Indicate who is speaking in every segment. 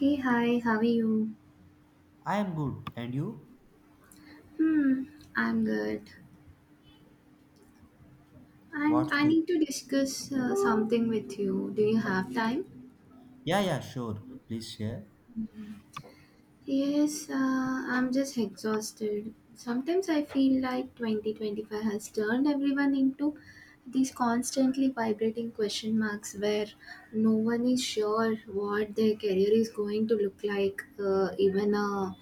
Speaker 1: Hey, hi, how are you?
Speaker 2: I am good. And you?
Speaker 1: Hmm, I'm good. And
Speaker 2: What's
Speaker 1: I
Speaker 2: good?
Speaker 1: need to discuss something with you. Do you have time?
Speaker 2: Yeah, yeah, sure. Please share.
Speaker 1: Yes, I'm just exhausted. Sometimes I feel like 2025 has turned everyone into these constantly vibrating question marks where no one is sure what their career is going to look like even a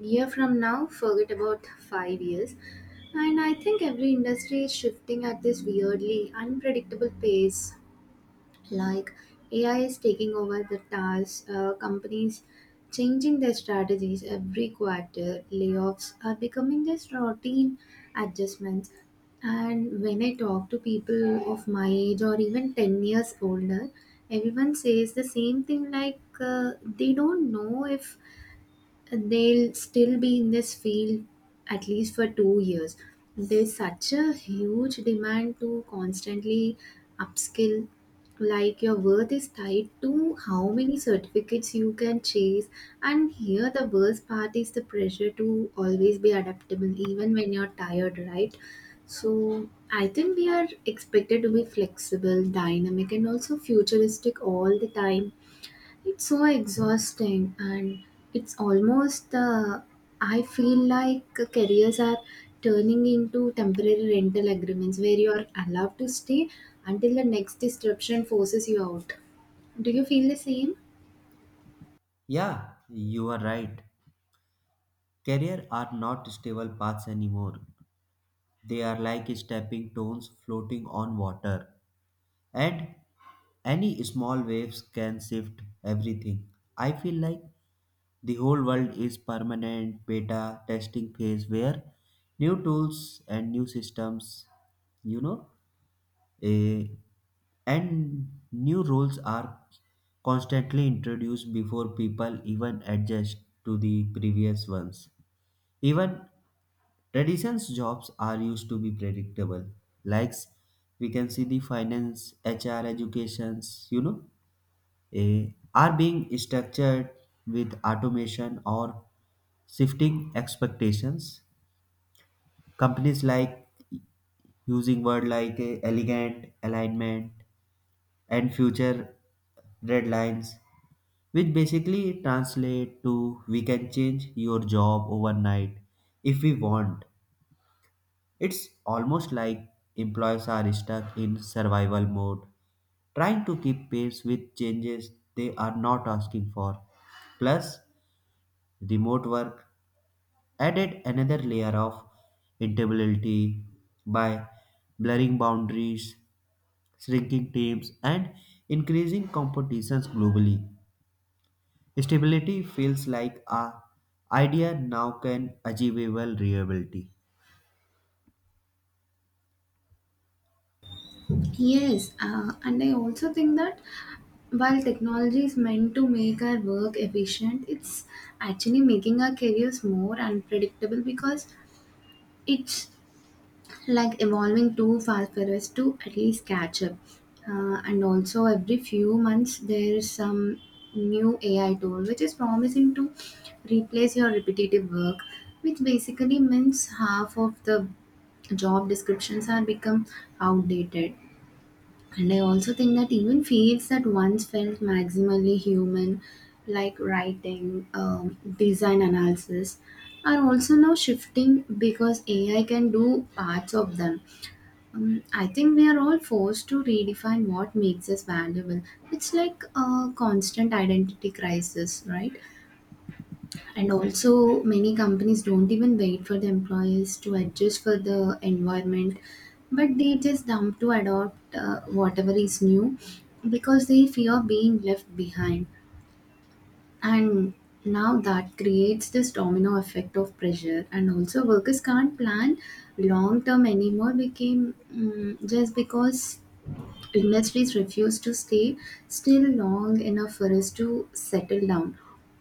Speaker 1: year from now, forget about 5 years. And I think every industry is shifting at this weirdly unpredictable pace, like AI is taking over the tasks, companies changing their strategies every quarter, layoffs are becoming just routine adjustments. And when I talk to people of my age or even 10 years older, everyone says the same thing, like they don't know if they'll still be in this field at least for 2 years. There's such a huge demand to constantly upskill. Like, your worth is tied to how many certificates you can chase. And here, the worst part is the pressure to always be adaptable, even when you're tired, right? So, I think we are expected to be flexible, dynamic, and also futuristic all the time. It's so exhausting, and it's almost I feel like careers are turning into temporary rental agreements where you are allowed to stay until the next disruption forces you out. Do you feel the same?
Speaker 2: Yeah, you are right. Career are not stable paths anymore. They are like stepping stones floating on water. And any small waves can shift everything. I feel like the whole world is permanent beta testing phase where new tools and new systems, you know, Eh, and new roles are constantly introduced before people even adjust to the previous ones. Even traditions jobs are used to be predictable. Like we can see the finance, HR, educations, are being structured with automation or shifting expectations. Companies like using word like elegant, alignment, and future red lines, which basically translate to we can change your job overnight if we want. It's almost like employees are stuck in survival mode, trying to keep pace with changes they are not asking for. Plus, remote work added another layer of instability by blurring boundaries, shrinking teams, and increasing competitions globally. Stability feels like a idea now can achievable reliability.
Speaker 1: Yes, and I also think that while technology is meant to make our work efficient, it's actually making our careers more unpredictable because it's like evolving too fast for us to at least catch up. And also, every few months, there is some new AI tool which is promising to replace your repetitive work, which basically means half of the job descriptions are become outdated. And I also think that even fields that once felt maximally human, like writing, design analysis, are also now shifting because AI can do parts of them. I think we are all forced to redefine what makes us valuable. It's like a constant identity crisis, right? And also, many companies don't even wait for the employees to adjust for the environment, but they just dump to adopt whatever is new because they fear being left behind. And now that creates this domino effect of pressure, and also workers can't plan long term anymore became just because industries refuse to stay still long enough for us to settle down.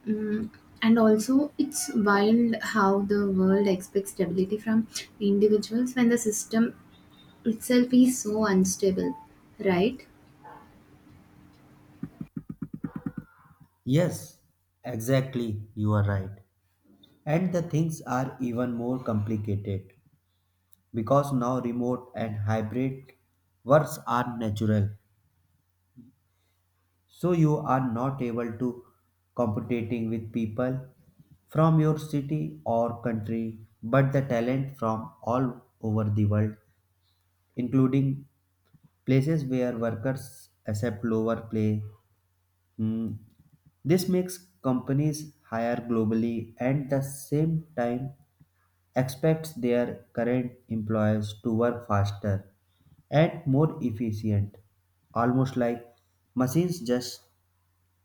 Speaker 1: Mm, and also, it's wild how the world expects stability from individuals when the system itself is so unstable, right?
Speaker 2: Yes, exactly, you are right. And the things are even more complicated because now remote and hybrid works are natural. So you are not able to competing with people from your city or country, but the talent from all over the world, including places where workers accept lower pay. Mm, This makes companies hire globally and the same time expects their current employees to work faster and more efficient, almost like machines just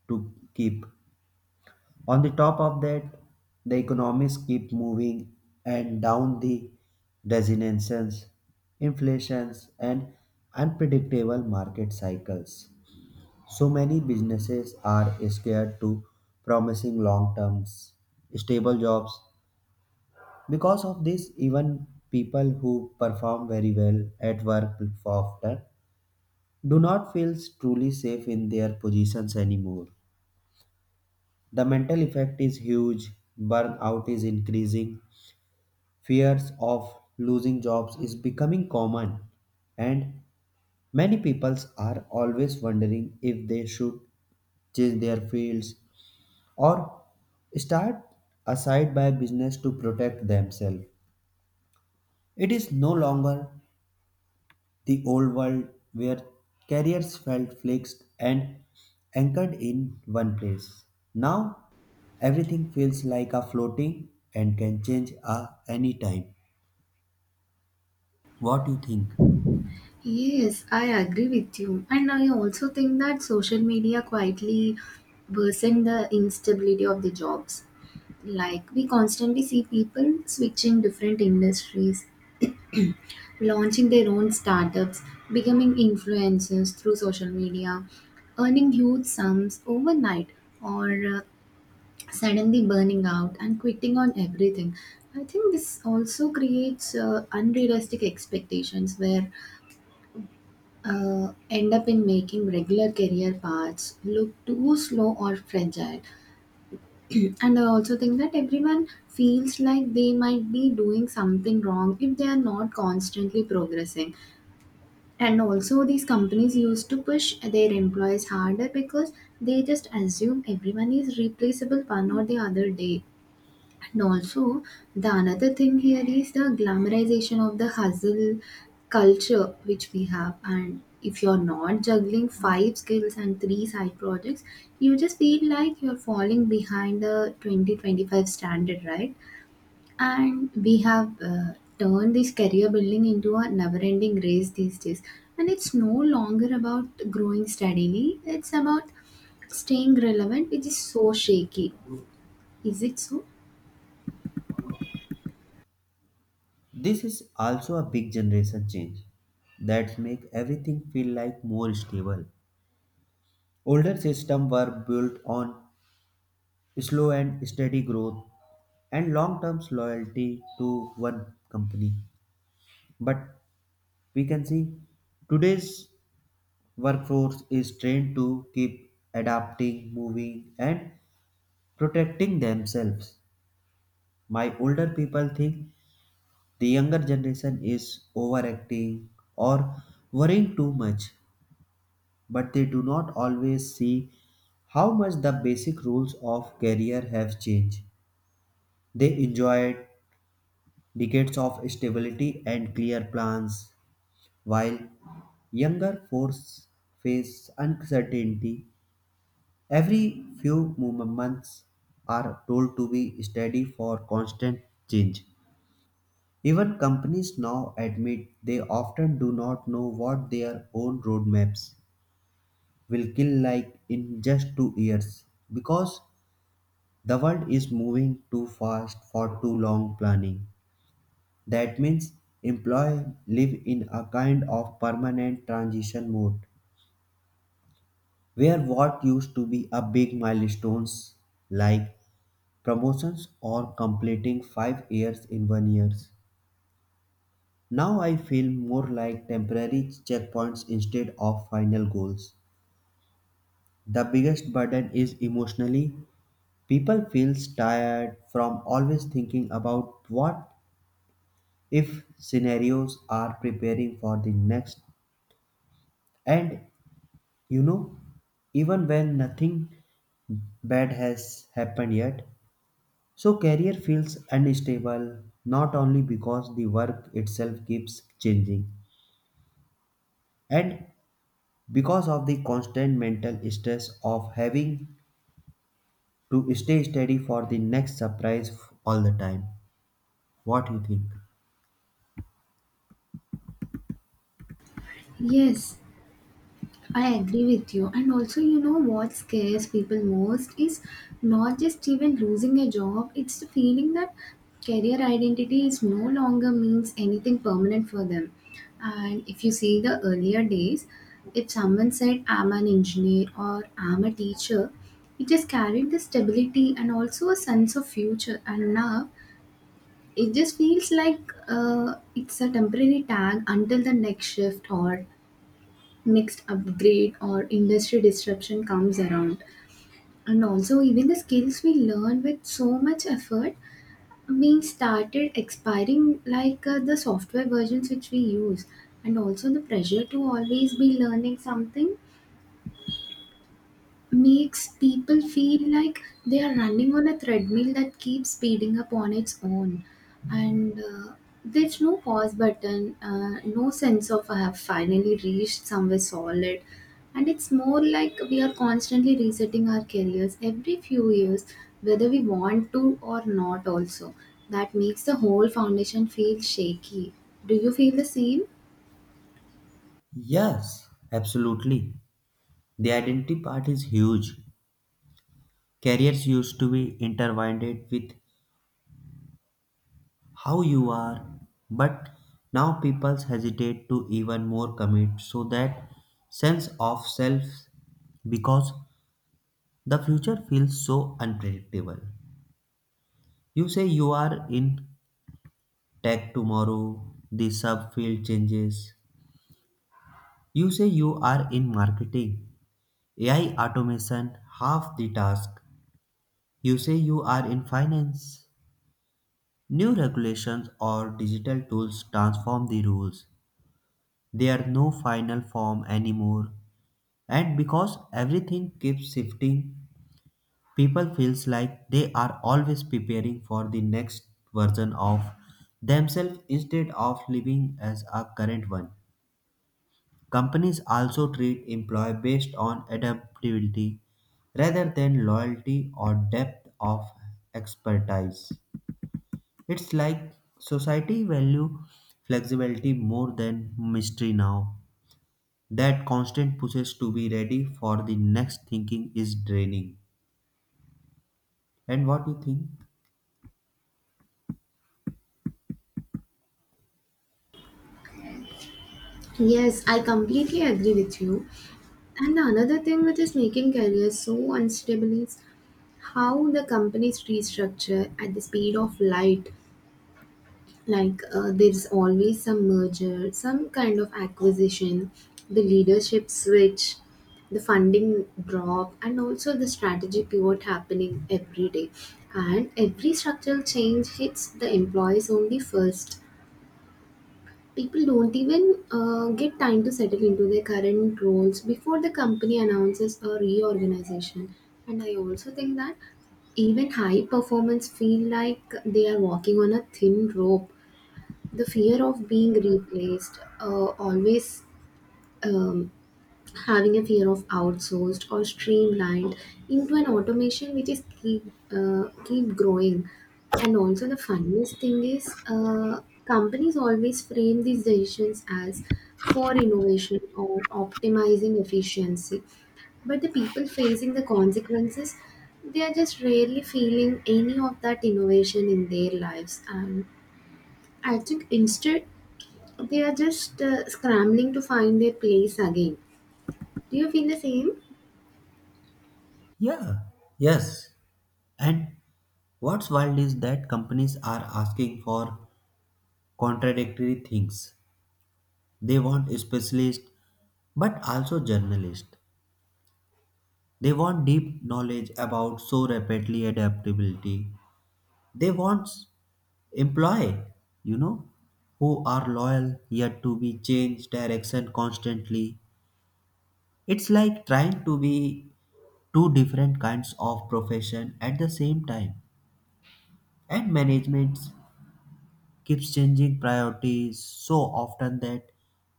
Speaker 2: to keep. On the top of that, the economies keep moving and down the resonances, inflations and unpredictable market cycles. So many businesses are scared to promising long term stable jobs. Because of this, even people who perform very well at work often do not feel truly safe in their positions anymore. The mental effect is huge, burnout is increasing, fears of losing jobs is becoming common, and many people are always wondering if they should change their fields or start a side by business to protect themselves. It is no longer the old world where careers felt fixed and anchored in one place. Now everything feels like a floating and can change at any time. What do you think?
Speaker 1: Yes, I agree with you. And I also think that social media quietly worsen the instability of the jobs. Like, we constantly see people switching different industries, launching their own startups, becoming influencers through social media, earning huge sums overnight, or uh, suddenly burning out and quitting on everything. I think this also creates unrealistic expectations where end up in making regular career paths look too slow or fragile. And I also think that everyone feels like they might be doing something wrong if they are not constantly progressing. And also, these companies used to push their employees harder because they just assume everyone is replaceable one or the other day. And also, the another thing here is the glamorization of the hustle culture which we have. And if you're not juggling five skills and three side projects, you just feel like you're falling behind the 2025 standard, right? And we have turned this career building into a never ending race these days, and it's no longer about growing steadily, it's about staying relevant, which is so shaky. Is it so?
Speaker 2: This is also a big generation change that make everything feel like more stable. Older systems were built on slow and steady growth and long-term loyalty to one company. But we can see today's workforce is trained to keep adapting, moving, and protecting themselves. My older people think the younger generation is overacting or worrying too much, but they do not always see how much the basic rules of career have changed. They enjoy decades of stability and clear plans, while younger forces face uncertainty. Every few movements are told to be steady for constant change. Even companies now admit they often do not know what their own roadmaps will kill like in just 2 years because the world is moving too fast for too long planning. That means employees live in a kind of permanent transition mode where what used to be a big milestones like promotions or completing 5 years in 1 years now I feel more like temporary checkpoints instead of final goals. The biggest burden is emotionally. People feels tired from always thinking about what if scenarios are preparing for the next and You know, even when nothing bad has happened yet. So, career feels unstable not only because the work itself keeps changing and because of the constant mental stress of having to stay steady for the next surprise all the time. What do you think?
Speaker 1: Yes, I agree with you. And also, you know what scares people most is not just even losing a job, it's the feeling that career identity is no longer means anything permanent for them. And if you see the earlier days, if someone said, I'm an engineer or I'm a teacher, it just carried the stability and also a sense of future. And now it just feels like it's a temporary tag until the next shift or next upgrade or industry disruption comes around. And also, even the skills we learn with so much effort being started expiring, like the software versions which we use, and also the pressure to always be learning something makes people feel like they are running on a treadmill that keeps speeding up on its own. And there's no pause button, no sense of I have finally reached somewhere solid, and it's more like we are constantly resetting our careers every few years whether we want to or not. Also, that makes the whole foundation feel shaky. Do you feel the same?
Speaker 2: Yes, absolutely. The identity part is huge. Careers used to be intertwined with how you are but now people hesitate to even more commit so that sense of self because the future feels so unpredictable. You say you are in tech, tomorrow the subfield changes. You say you are in marketing, AI automation half the task. You say you are in finance, new regulations or digital tools transform the rules. There are no final form anymore. And because everything keeps shifting, people feels like they are always preparing for the next version of themselves instead of living as a current one. Companies also treat employee based on adaptability rather than loyalty or depth of expertise. It's like society value flexibility more than mystery now. That constant pushes to be ready for the next thinking is draining. And what you think?
Speaker 1: Yes, I completely agree with you. And another thing which is making careers so unstable is how the companies restructure at the speed of light. Like, there's always some merger, some kind of acquisition, the leadership switch, the funding drop, and also the strategy pivot happening every day. And every structural change hits the employees only first. People don't even get time to settle into their current roles before the company announces a reorganization. And I also think that even high performers feel like they are walking on a thin rope. The fear of being replaced, always, um, having a fear of outsourced or streamlined into an automation which is keep keep growing. And also the funniest thing is, companies always frame these decisions as for innovation or optimizing efficiency, but the people facing the consequences, they are just rarely feeling any of that innovation in their lives. And I think instead they are just scrambling to find their place again. Do you feel the same?
Speaker 2: Yeah, yes. And what's wild is that companies are asking for contradictory things. They want specialists, but also journalists. They want deep knowledge about so rapidly adaptability. They want employee, you know, who are loyal yet to be changed direction constantly. It's like trying to be two different kinds of profession at the same time. And management keeps changing priorities so often that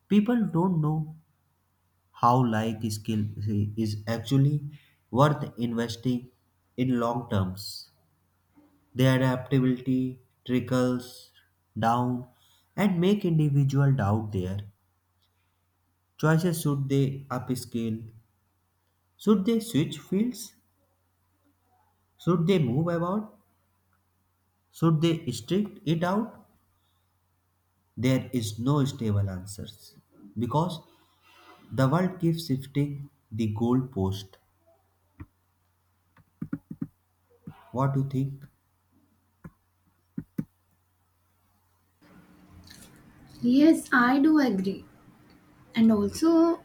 Speaker 2: people don't know how like skill is actually worth investing in long terms. Their adaptability trickles down and make individual doubt their choices. Should they upskill? Should they switch fields? Should they move about? Should they strict it out? There is no stable answers because the world keeps shifting the goalpost. What do you think?
Speaker 1: Yes, I do agree. And also,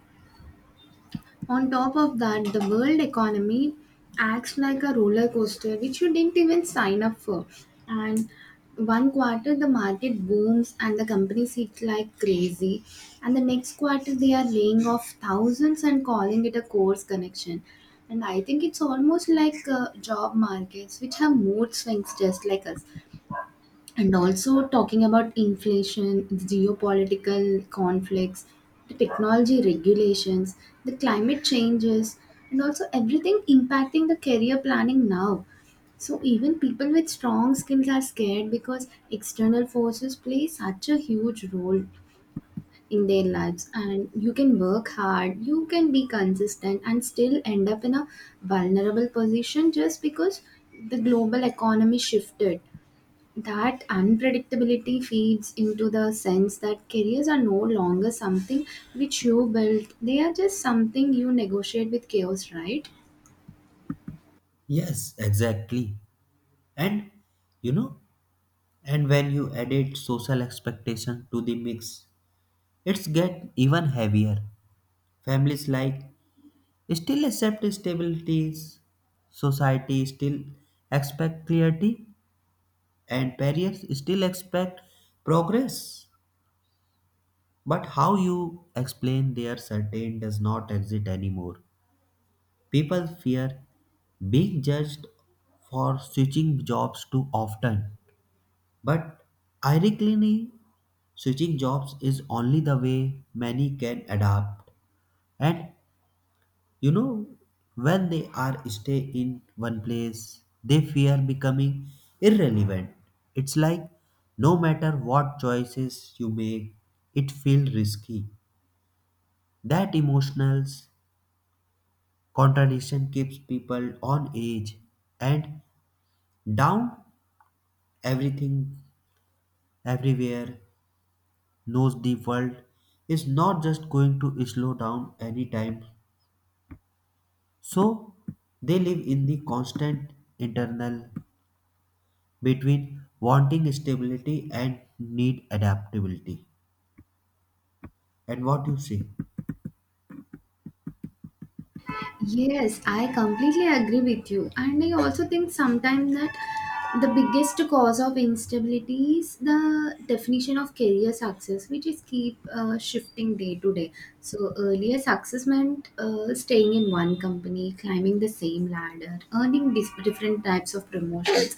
Speaker 1: on top of that, the world economy acts like a roller coaster, which you didn't even sign up for. And one quarter, the market booms and the companies hit like crazy. And the next quarter, they are laying off thousands and calling it a course connection. And I think it's almost like job markets, which have mood swings just like us. And also talking about inflation, geopolitical conflicts, the technology regulations, the climate changes, and also everything impacting the career planning now. So even people with strong skills are scared because external forces play such a huge role in their lives. And you can work hard, you can be consistent and still end up in a vulnerable position just because the global economy shifted. That unpredictability feeds into the sense that careers are no longer something which you built, they are just something you negotiate with chaos, right?
Speaker 2: Yes, exactly. And you know, and when you added social expectation to the mix, it's get even heavier. Families like still accept stabilities, society still expect clarity, and parents still expect progress. But how you explain their certain does not exist anymore. People fear being judged for switching jobs too often. But ironically, switching jobs is only the way many can adapt. And you know, when they are stay in one place, they fear becoming irrelevant. It's like no matter what choices you make, it feels risky. That emotional contradiction keeps people on edge. And down everything everywhere knows the world is not just going to slow down anytime. So they live in the constant internal between wanting stability and need adaptability. And what you say?
Speaker 1: Yes, I completely agree with you. And I also think sometimes that the biggest cause of instability is the definition of career success, which is keep shifting day to day. So earlier success meant staying in one company, climbing the same ladder, earning different types of promotions.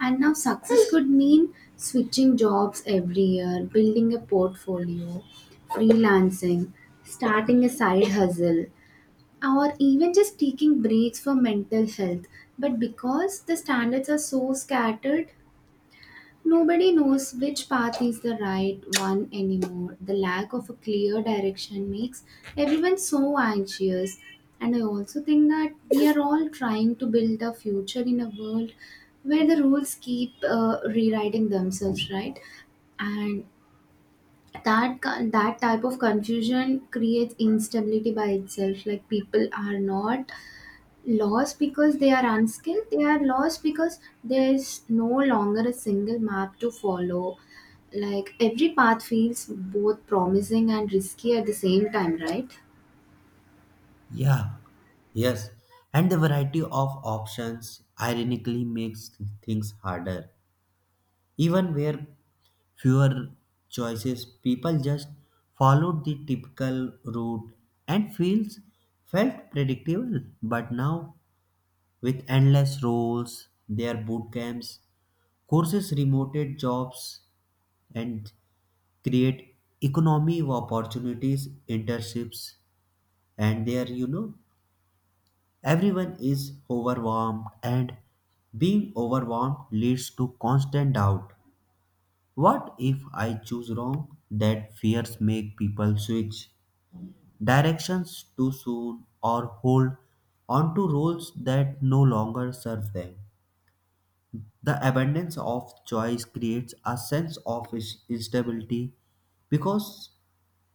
Speaker 1: And now success could mean switching jobs every year, building a portfolio, freelancing, starting a side hustle, or even just taking breaks for mental health. But because the standards are so scattered, nobody knows which path is the right one anymore. The lack of a clear direction makes everyone so anxious. And I also think that we are all trying to build a future in a world where the rules keep rewriting themselves, right? And that type of confusion creates instability by itself. Like, people are not lost because they are unskilled, they are lost because there's no longer a single map to follow. Like, every path feels both promising and risky at the same time, right?
Speaker 2: Yeah, yes. And the variety of options ironically makes things harder. Even where fewer choices, people just followed the typical route and feels felt predictable. But now, with endless roles, their boot camps, courses, remoted jobs, and create economy of opportunities, internships, and there everyone is overwhelmed, and being overwhelmed leads to constant doubt. What if I choose wrong? That fears make people switch directions too soon or hold on to roles that no longer serve them. The abundance of choice creates a sense of instability because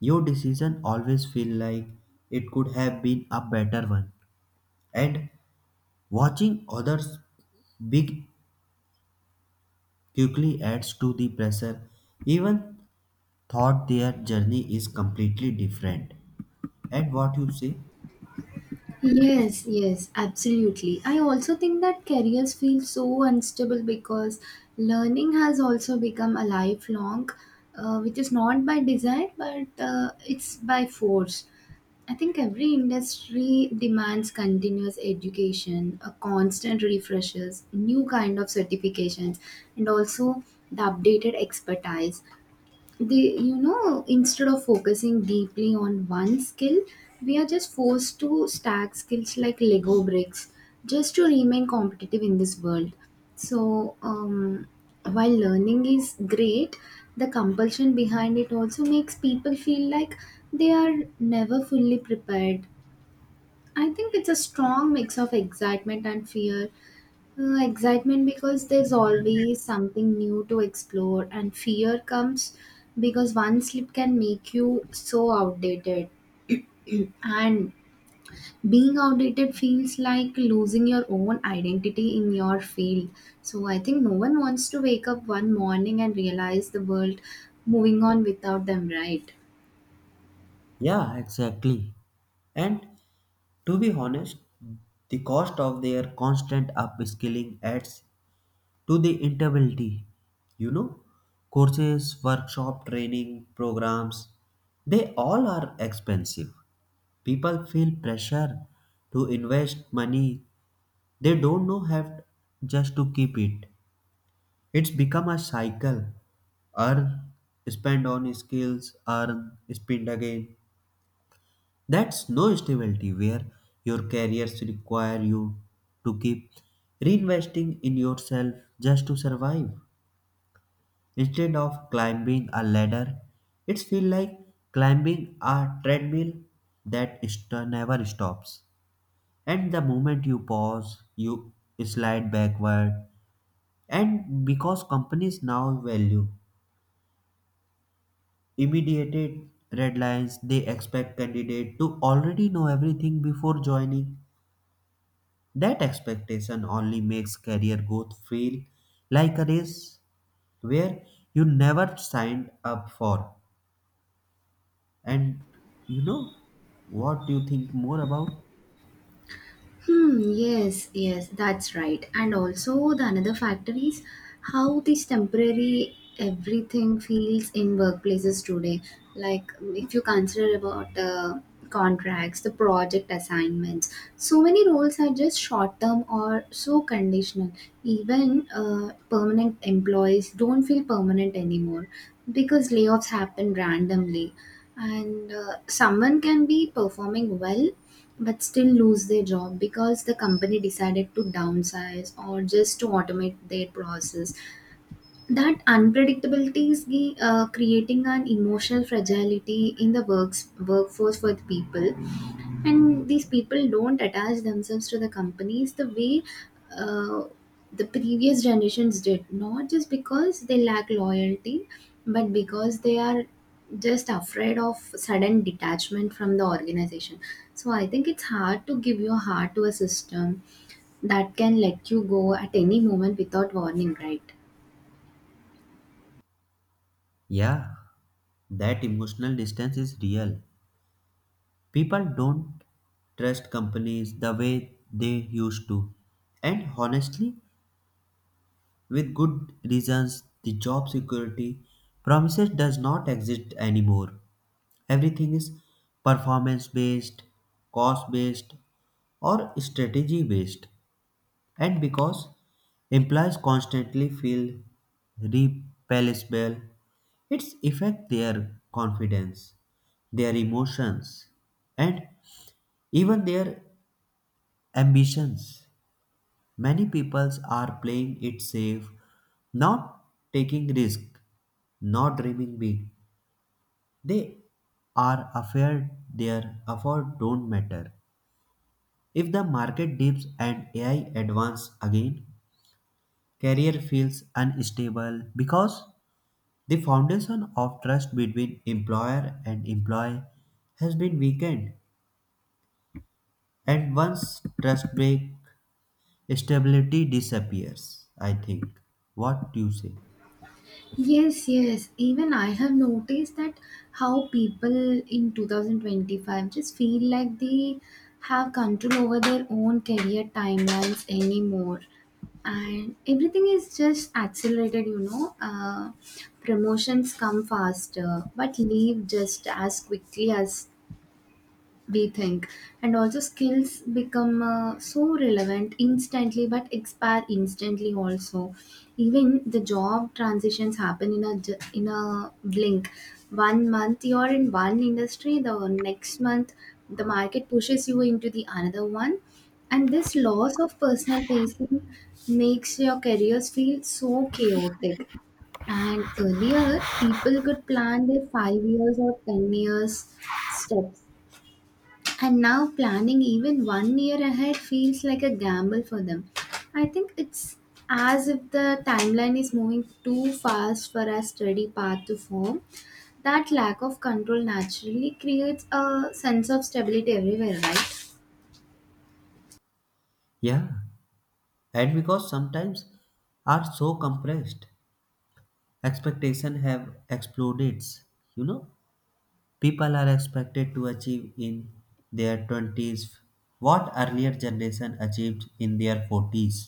Speaker 2: your decision always feel like it could have been a better one. And watching others big quickly adds to the pressure even thought their journey is completely different. And what you say?
Speaker 1: Yes, yes, absolutely. I also think that careers feel so unstable because learning has also become a lifelong, which is not by design, but it's by force. I think every industry demands continuous education, a constant refreshes, new kind of certifications, and also the updated expertise. The, you know, instead of focusing deeply on one skill, we are just forced to stack skills like lego bricks just to remain competitive in this world. So, while learning is great, the compulsion behind it also makes people feel like they are never fully prepared. I think it's a strong mix of excitement and fear. Excitement because there's always something new to explore, and fear comes because one slip can make you so outdated. And being outdated feels like losing your own identity in your field. So I think no one wants to wake up one morning and realize the world moving on without them, right?
Speaker 2: Yeah, exactly. And to be honest, the cost of their constant upskilling adds to the instability. You know, courses, workshop, training, programs, they all are expensive. People feel pressure to invest money they don't know have just to keep it. It's become a cycle. Earn, spend on skills, earn, spend again. That's no stability where your careers require you to keep reinvesting in yourself just to survive. Instead of climbing a ladder, it feels like climbing a treadmill that never stops. And the moment you pause, you slide backward. And because companies now value immediate red lines, they expect candidate to already know everything before joining. That expectation only makes career growth feel like a race where you never signed up for. And you know what do you think more about?
Speaker 1: Hmm, yes, yes, that's right. And also, the another factor is how this temporary everything feels in workplaces today. Like, if you consider about the contracts, the project assignments, so many roles are just short term or so conditional. Even permanent employees don't feel permanent anymore because layoffs happen randomly. And someone can be performing well but still lose their job because the company decided to downsize or just to automate their process. That unpredictability is creating an emotional fragility in the works workforce for the people. And these people don't attach themselves to the companies the way uh, the previous generations did, not just because they lack loyalty, but because they are just afraid of sudden detachment from the organization. So I think it's hard to give your heart to a system that can let you go at any moment without warning, right?
Speaker 2: Yeah, that emotional distance is real. People don't trust companies the way they used to. And honestly, with good reasons, the job security promises does not exist anymore. Everything is performance based, cost based, or strategy based. And because employees constantly feel repellable, it's affect their confidence, their emotions, and even their ambitions. Many peoples are playing it safe, not taking risk not dreaming big. They are afraid their effort don't matter. If the market dips and AI advance again, career feels unstable because the foundation of trust between employer and employee has been weakened. And once trust break, stability disappears, I think. What do you say?
Speaker 1: Yes, yes. Even I have noticed that how people in 2025 just feel like they have control over their own career timelines anymore. And everything is just accelerated, you know. Promotions come faster, but leave just as quickly as we think. And also skills become so relevant instantly but expire instantly also. Even the job transitions happen in a in a blink. One month you're in one industry, the next month the market pushes you into the another one. And this loss of personal pacing makes your careers feel so chaotic. And earlier people could plan their 5 years or 10 years steps, and now planning even one year ahead feels like a gamble for them. I think it's as if the timeline is moving too fast for a steady path to form. That lack of control naturally creates a sense of stability everywhere, right?
Speaker 2: Yeah. And because sometimes are so compressed, expectation have exploded. you know people are expected to achieve in their 20s what earlier generation achieved in their 40s.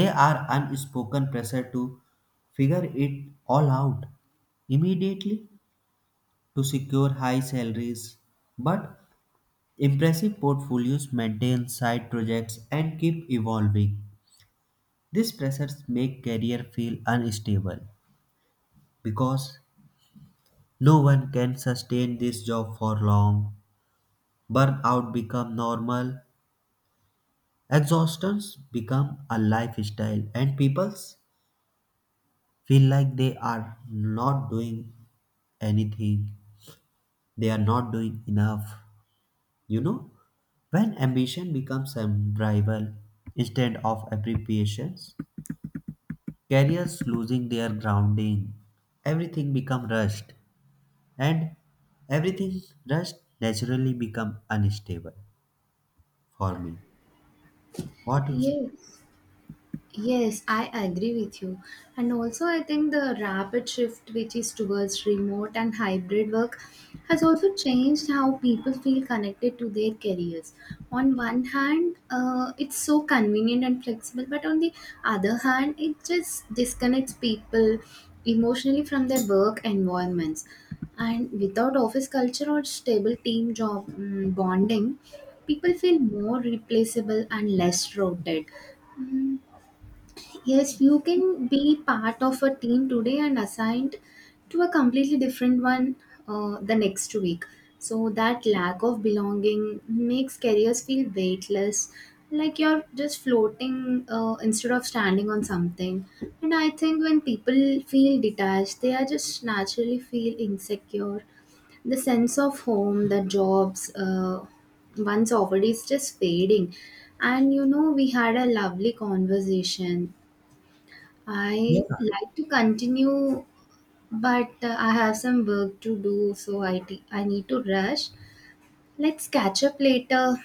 Speaker 2: They are unspoken pressure to figure it all out immediately, to secure high salaries but impressive portfolios, maintain side projects and keep evolving. These pressures make career feel unstable because no one can sustain this job for long. Burnout become normal. Exhaustions become a lifestyle and people feel like they are not doing anything. They are not doing enough. You know? When ambition becomes a rival instead of appreciations, careers losing their grounding. Everything become rushed and everything rushed naturally become unstable for me. What do you say?
Speaker 1: Yes. Yes, I agree with you. And also, I think the rapid shift, which is towards remote and hybrid work, has also changed how people feel connected to their careers. On one hand, it's so convenient and flexible, but on the other hand, it just disconnects people emotionally from their work environments. And without office culture or stable team job bonding, people feel more replaceable and less rooted. Yes, you can be part of a team today and assigned to a completely different one the next week. So that lack of belonging makes careers feel weightless, like you're just floating instead of standing on something. And I think when people feel detached, they are just naturally feel insecure. The sense of home, the jobs, once offered is just fading. And you know, we had a lovely conversation,
Speaker 2: Yeah,
Speaker 1: I like to continue, but I have some work to do, so I need to rush. Let's catch up later.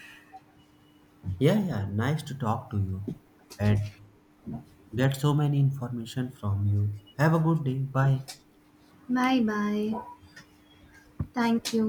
Speaker 2: yeah, yeah. Nice to talk to you and get so many information from you. Have a good day. Bye.
Speaker 1: Bye bye. Thank you.